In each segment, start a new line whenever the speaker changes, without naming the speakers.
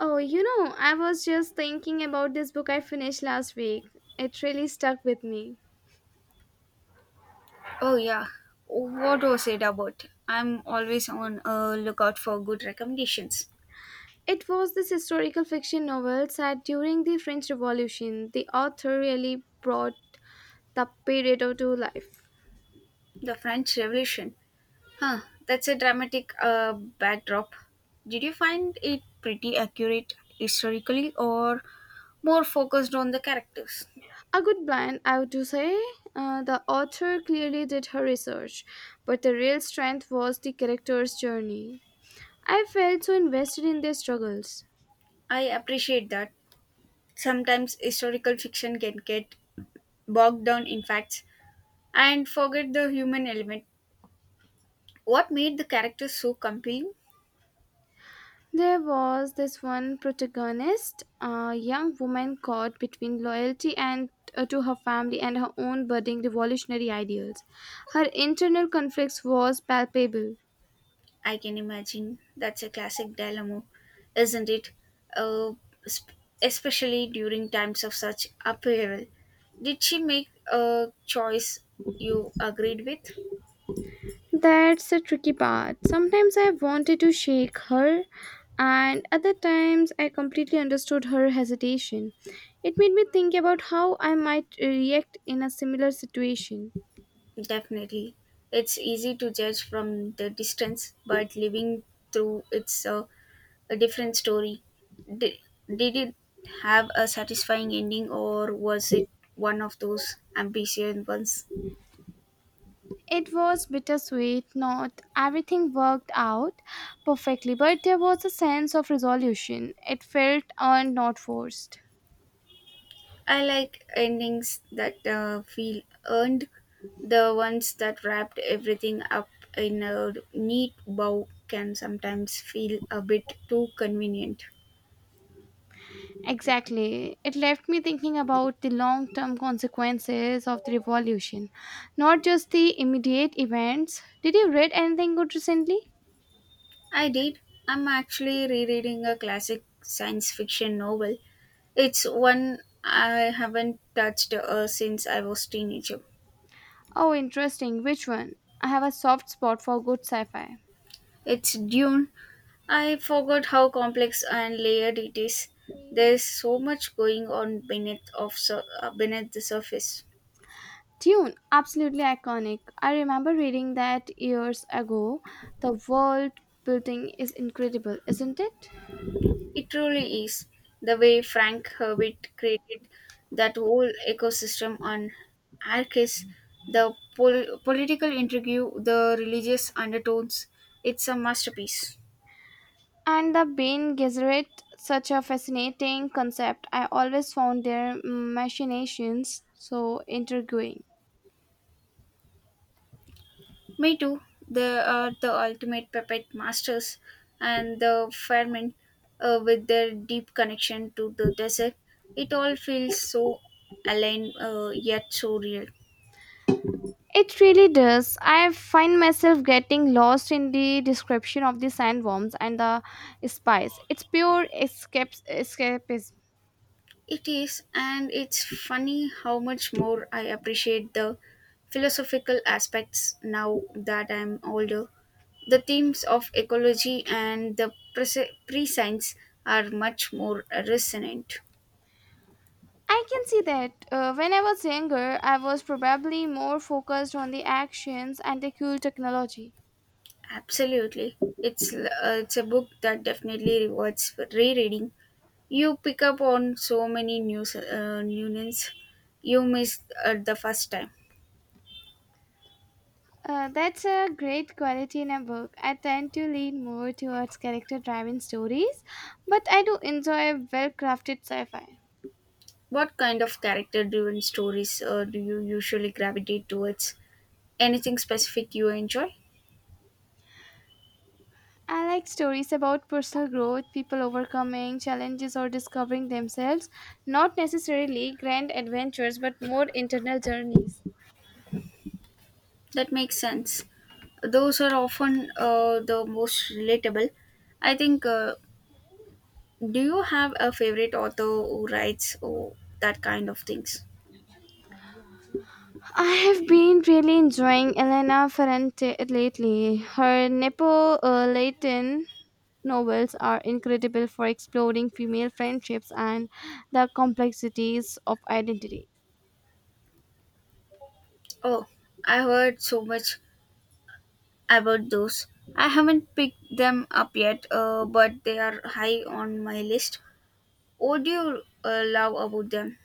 Oh, you know, I was just thinking about this book I finished last week. It really stuck with me.
Oh yeah. What was it about? I'm always on a lookout for good recommendations.
It was this historical fiction novel set during the French Revolution. The author really brought the period to life.
The French Revolution. Huh. That's a dramatic backdrop. Did you find it pretty accurate historically or more focused on the characters?
A good blend, I would say. The author clearly did her research, but the real strength was the character's journey. I felt so invested in their struggles.
I appreciate that. Sometimes historical fiction can get bogged down in facts and forget the human element. What made the characters so compelling?
There was this one protagonist, a young woman caught between loyalty and to her family and her own budding revolutionary ideals. Her internal conflicts was palpable.
I can imagine that's a classic dilemma, isn't it? Uh, sp- Especially during times of such upheaval. Did she make a choice you agreed with?
That's a tricky part. Sometimes I wanted to shake her, and other times I completely understood her hesitation. It made me think about how I might react in a similar situation.
Definitely. It's easy to judge from the distance, but living through it's a different story. Did, did it have a satisfying ending, or was it one of those ambitious ones?
It was bittersweet. Not everything worked out perfectly, but there was a sense of resolution. It felt earned, not forced.
I like endings that feel earned. The ones that wrapped everything up in a neat bow can sometimes feel a bit too convenient.
Exactly. It left me thinking about the long term consequences of the revolution, not just the immediate events. Did you read anything good recently?
I did. I'm actually rereading a classic science fiction novel. It's one I haven't touched since I was teenager.
Oh, interesting. Which one? I have a soft spot for good sci fi.
It's Dune. I forgot how complex and layered it is. There's so much going on beneath the surface.
Tune, absolutely iconic. I remember reading that years ago. The world building is incredible, isn't it?
It truly is. The way Frank Herbert created that whole ecosystem on Arrakis, the political intrigue, the religious undertones, it's a masterpiece.
And the Bene Gesserit, such a fascinating concept. I always found their machinations so intriguing.
Me too. They are the ultimate puppet masters, and the firemen, with their deep connection to the desert, it all feels so aligned yet so real.
It really does. I find myself getting lost in the description of the sandworms and the spies. It's pure escape, escapism.
It is, and it's funny how much more I appreciate the philosophical aspects now that I'm older. The themes of ecology and the pre science are much more resonant.
I can see that. When I was younger, I was probably more focused on the actions and the cool technology.
Absolutely. It's a book that definitely rewards rereading. You pick up on so many new names you missed at the first time.
That's a great quality in a book. I tend to lean more towards character driven stories, but I do enjoy well crafted sci fi.
What kind of character driven stories do you usually gravitate towards? Anything specific you enjoy?
I like stories about personal growth, people overcoming challenges or discovering themselves, not necessarily grand adventures, but more internal journeys.
That makes sense. Those are often the most relatable. I think, do you have a favorite author who writes or that kind of things?
I have been really enjoying Elena Ferrante lately. Her Nepo Latin novels are incredible for exploring female friendships and the complexities of identity.
Oh, I heard so much about those. I haven't picked them up yet, but they are high on my list. What do you love about them?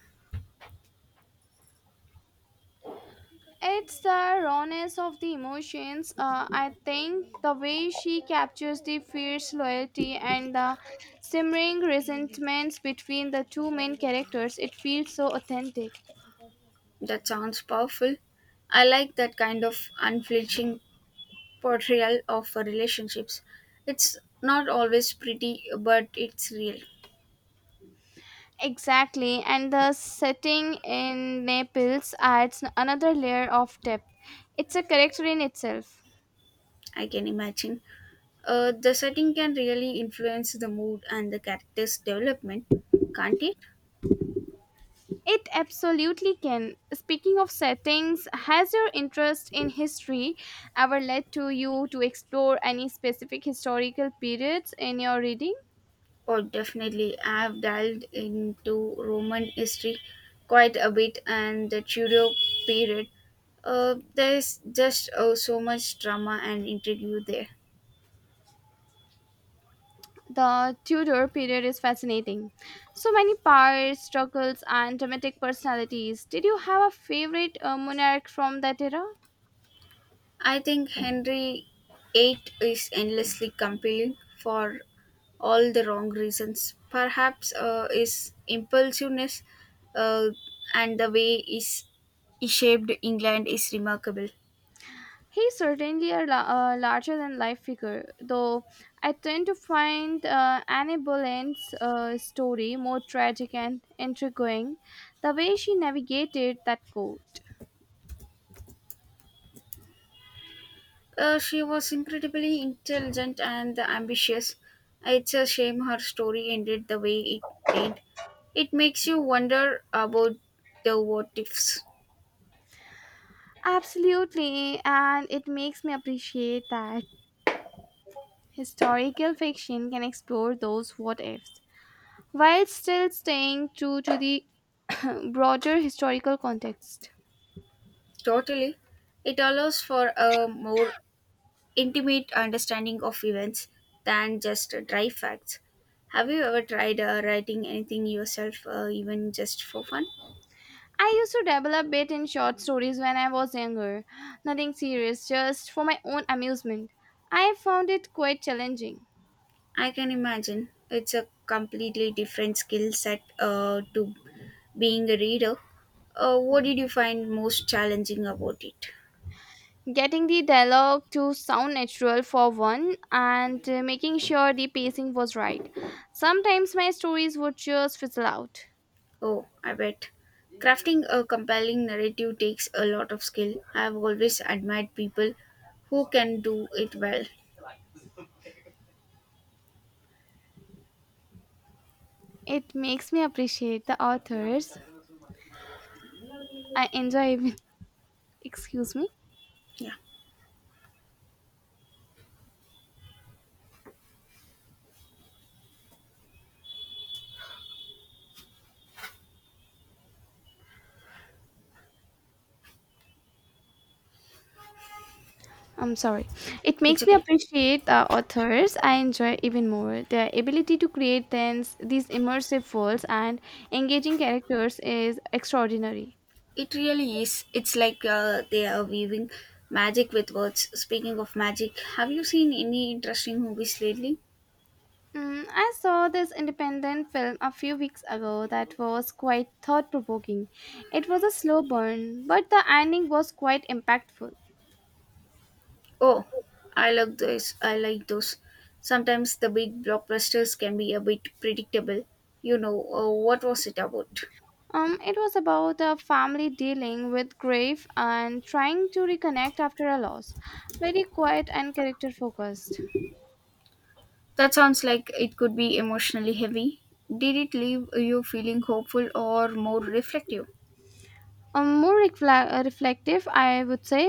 It's the rawness of the emotions. I think the way she captures the fierce loyalty and the simmering resentments between the two main characters, it feels so authentic.
That sounds powerful. I like that kind of unflinching portrayal of relationships. It's not always pretty, but it's real.
Exactly, and the setting in Naples adds another layer of depth. It's a character in itself.
I can imagine. The setting can really influence the mood and the character's development, can't it?
It absolutely can. Speaking of settings, has your interest in history ever led to you to explore any specific historical periods in your reading?
Oh, definitely. I've delved into Roman history quite a bit and the Tudor period. There's just so much drama and intrigue there.
The Tudor period is fascinating. So many powers, struggles, and dramatic personalities. Did you have a favorite monarch from that era?
I think Henry VIII is endlessly compelling for all the wrong reasons. Perhaps his impulsiveness uh, and the way is he shaped England is remarkable.
He's certainly larger than life figure, though I tend to find Annie Boleyn's story more tragic and intriguing, the way she navigated that court.
She was incredibly intelligent and ambitious. It's a shame her story ended the way it did. It makes you wonder about the what ifs.
Absolutely, and it makes me appreciate that historical fiction can explore those what ifs while still staying true to the broader historical context.
Totally. It allows for a more intimate understanding of events than just dry facts. Have you ever tried writing anything yourself, even just for fun?
I used to develop it in short stories when I was younger. Nothing serious, just for my own amusement. I found it quite challenging.
I can imagine it's a completely different skill set to being a reader. What did you find most challenging about it?
Getting the dialogue to sound natural for one and making sure the pacing was right. Sometimes my stories would just fizzle out.
Oh, I bet. Crafting a compelling narrative takes a lot of skill. I've always admired people who can do it well.
It makes me appreciate the authors I enjoy even excuse me.
Yeah,
I'm sorry. It
it's
makes me
okay.
appreciate the authors I enjoy even more. Their ability to create these immersive worlds and engaging characters is extraordinary.
It really is. It's like they are weaving magic with words. Speaking of magic, have you seen any interesting movies lately?
Mm, I saw this independent film a few weeks ago that was quite thought provoking. It was a slow burn, but the ending was quite impactful.
Oh, I like those. I like those. Sometimes the big blockbusters can be a bit predictable. What was it about?
It was about a family dealing with grief and trying to reconnect after a loss. Very quiet and character focused.
That sounds like it could be emotionally heavy. Did it leave you feeling hopeful or more reflective?
More reflect- reflective, I would say.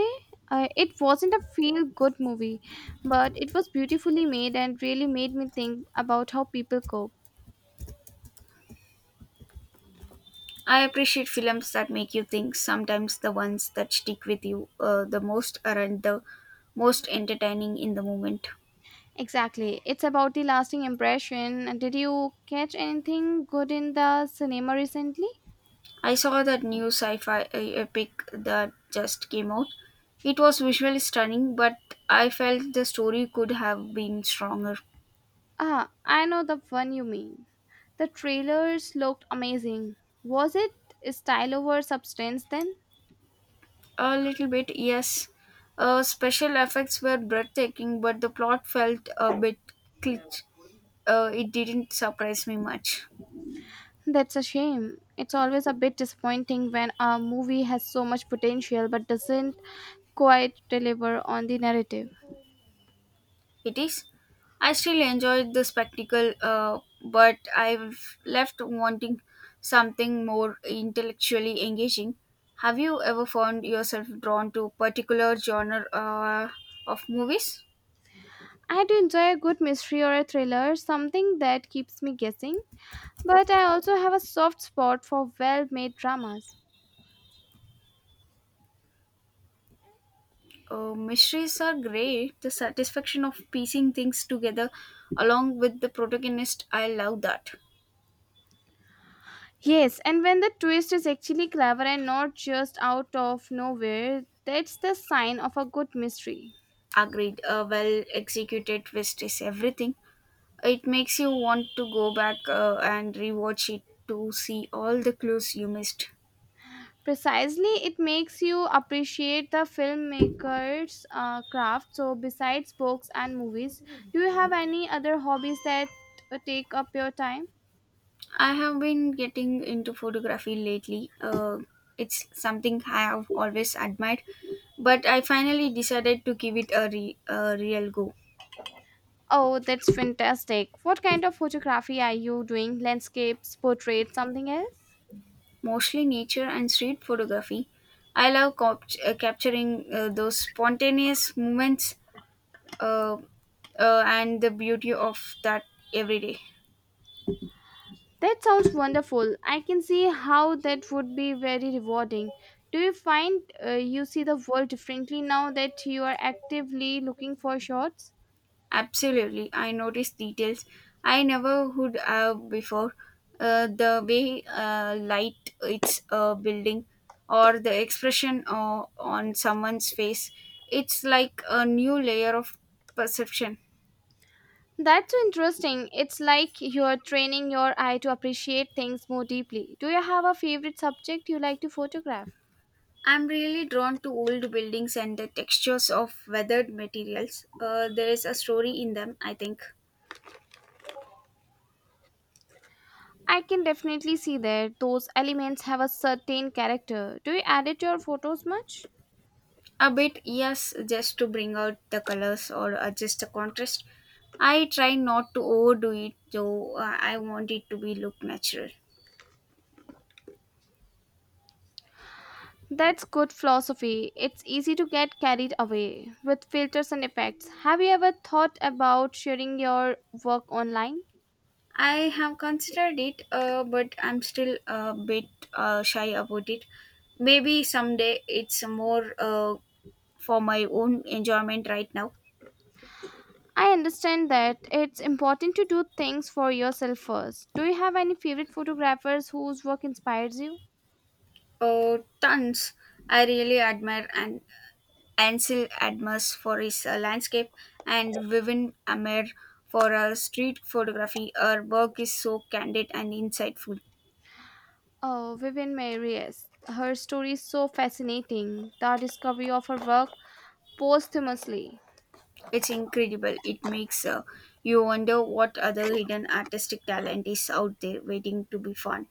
It wasn't a feel good movie, but it was beautifully made and really made me think about how people cope.
I appreciate films that make you think. Sometimes the ones that stick with you the most aren't the most entertaining in the moment.
Exactly, it's about the lasting impression. And did you catch anything good in the cinema recently?
I saw that new sci fi epic that just came out. It was visually stunning, but I felt the story could have been stronger.
Ah, I know the one you mean. The trailers looked amazing. Was it style over substance then?
A little bit, yes. Special effects were breathtaking, but the plot felt a bit cliché. It didn't surprise me much.
That's a shame. It's always a bit disappointing when a movie has so much potential but doesn't quite deliver on the narrative.
It is. I still enjoyed the spectacle, but I've left wanting something more intellectually engaging. Have you ever found yourself drawn to particular genre of movies?
I do enjoy a good mystery or a thriller, something that keeps me guessing, but I also have a soft spot for well made dramas.
Mysteries are great. The satisfaction of piecing things together along with the protagonist, I love that.
Yes, and when the twist is actually clever and not just out of nowhere, that's the sign of a good mystery.
Agreed. A well executed twist is everything. It makes you want to go back and rewatch it to see all the clues you missed.
Precisely, it makes you appreciate the filmmaker's craft. So besides books and movies, do you have any other hobbies that take up your time?
I have been getting into photography lately. It's something I have always admired, but I finally decided to give it a real go.
Oh, that's fantastic. What kind of photography are you doing? Landscapes, portraits, something else?
Mostly nature and street photography. I love capturing those spontaneous moments uh, and the beauty of that every day.
That sounds wonderful. I can see how that would be very rewarding. Do you find you see the world differently now that you are actively looking for shots?
Absolutely, I noticed details I never would have before. The way light it's a building, or the expression on someone's face, it's like a new layer of perception.
That's so interesting. It's like you're training your eye to appreciate things more deeply. Do you have a favorite subject you like to photograph?
I'm really drawn to old buildings and the textures of weathered materials. There is a story in them, I think.
I can definitely see that those elements have a certain character. Do you edit your photos much?
A bit, yes, just to bring out the colors or adjust the contrast. I try not to overdo it though, I want it to be look natural.
That's good philosophy. It's easy to get carried away with filters and effects. Have you ever thought about sharing your work online?
I have considered it, but I'm still a bit shy about it. Maybe someday it's more for my own enjoyment right now.
I understand that it's important to do things for yourself first. Do you have any favorite photographers whose work inspires you?
Tons I really admire and Ansel Adams for his landscape, and Vivin Amer for street photography. Her work is so candid and insightful.
Oh, Vivian May. Her story is so fascinating. The discovery of her work posthumously.
It's incredible. It makes you wonder what other hidden artistic talent is out there waiting to be found.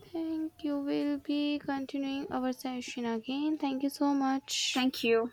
Thank you. We'll be continuing our session again. Thank you so much.
Thank you.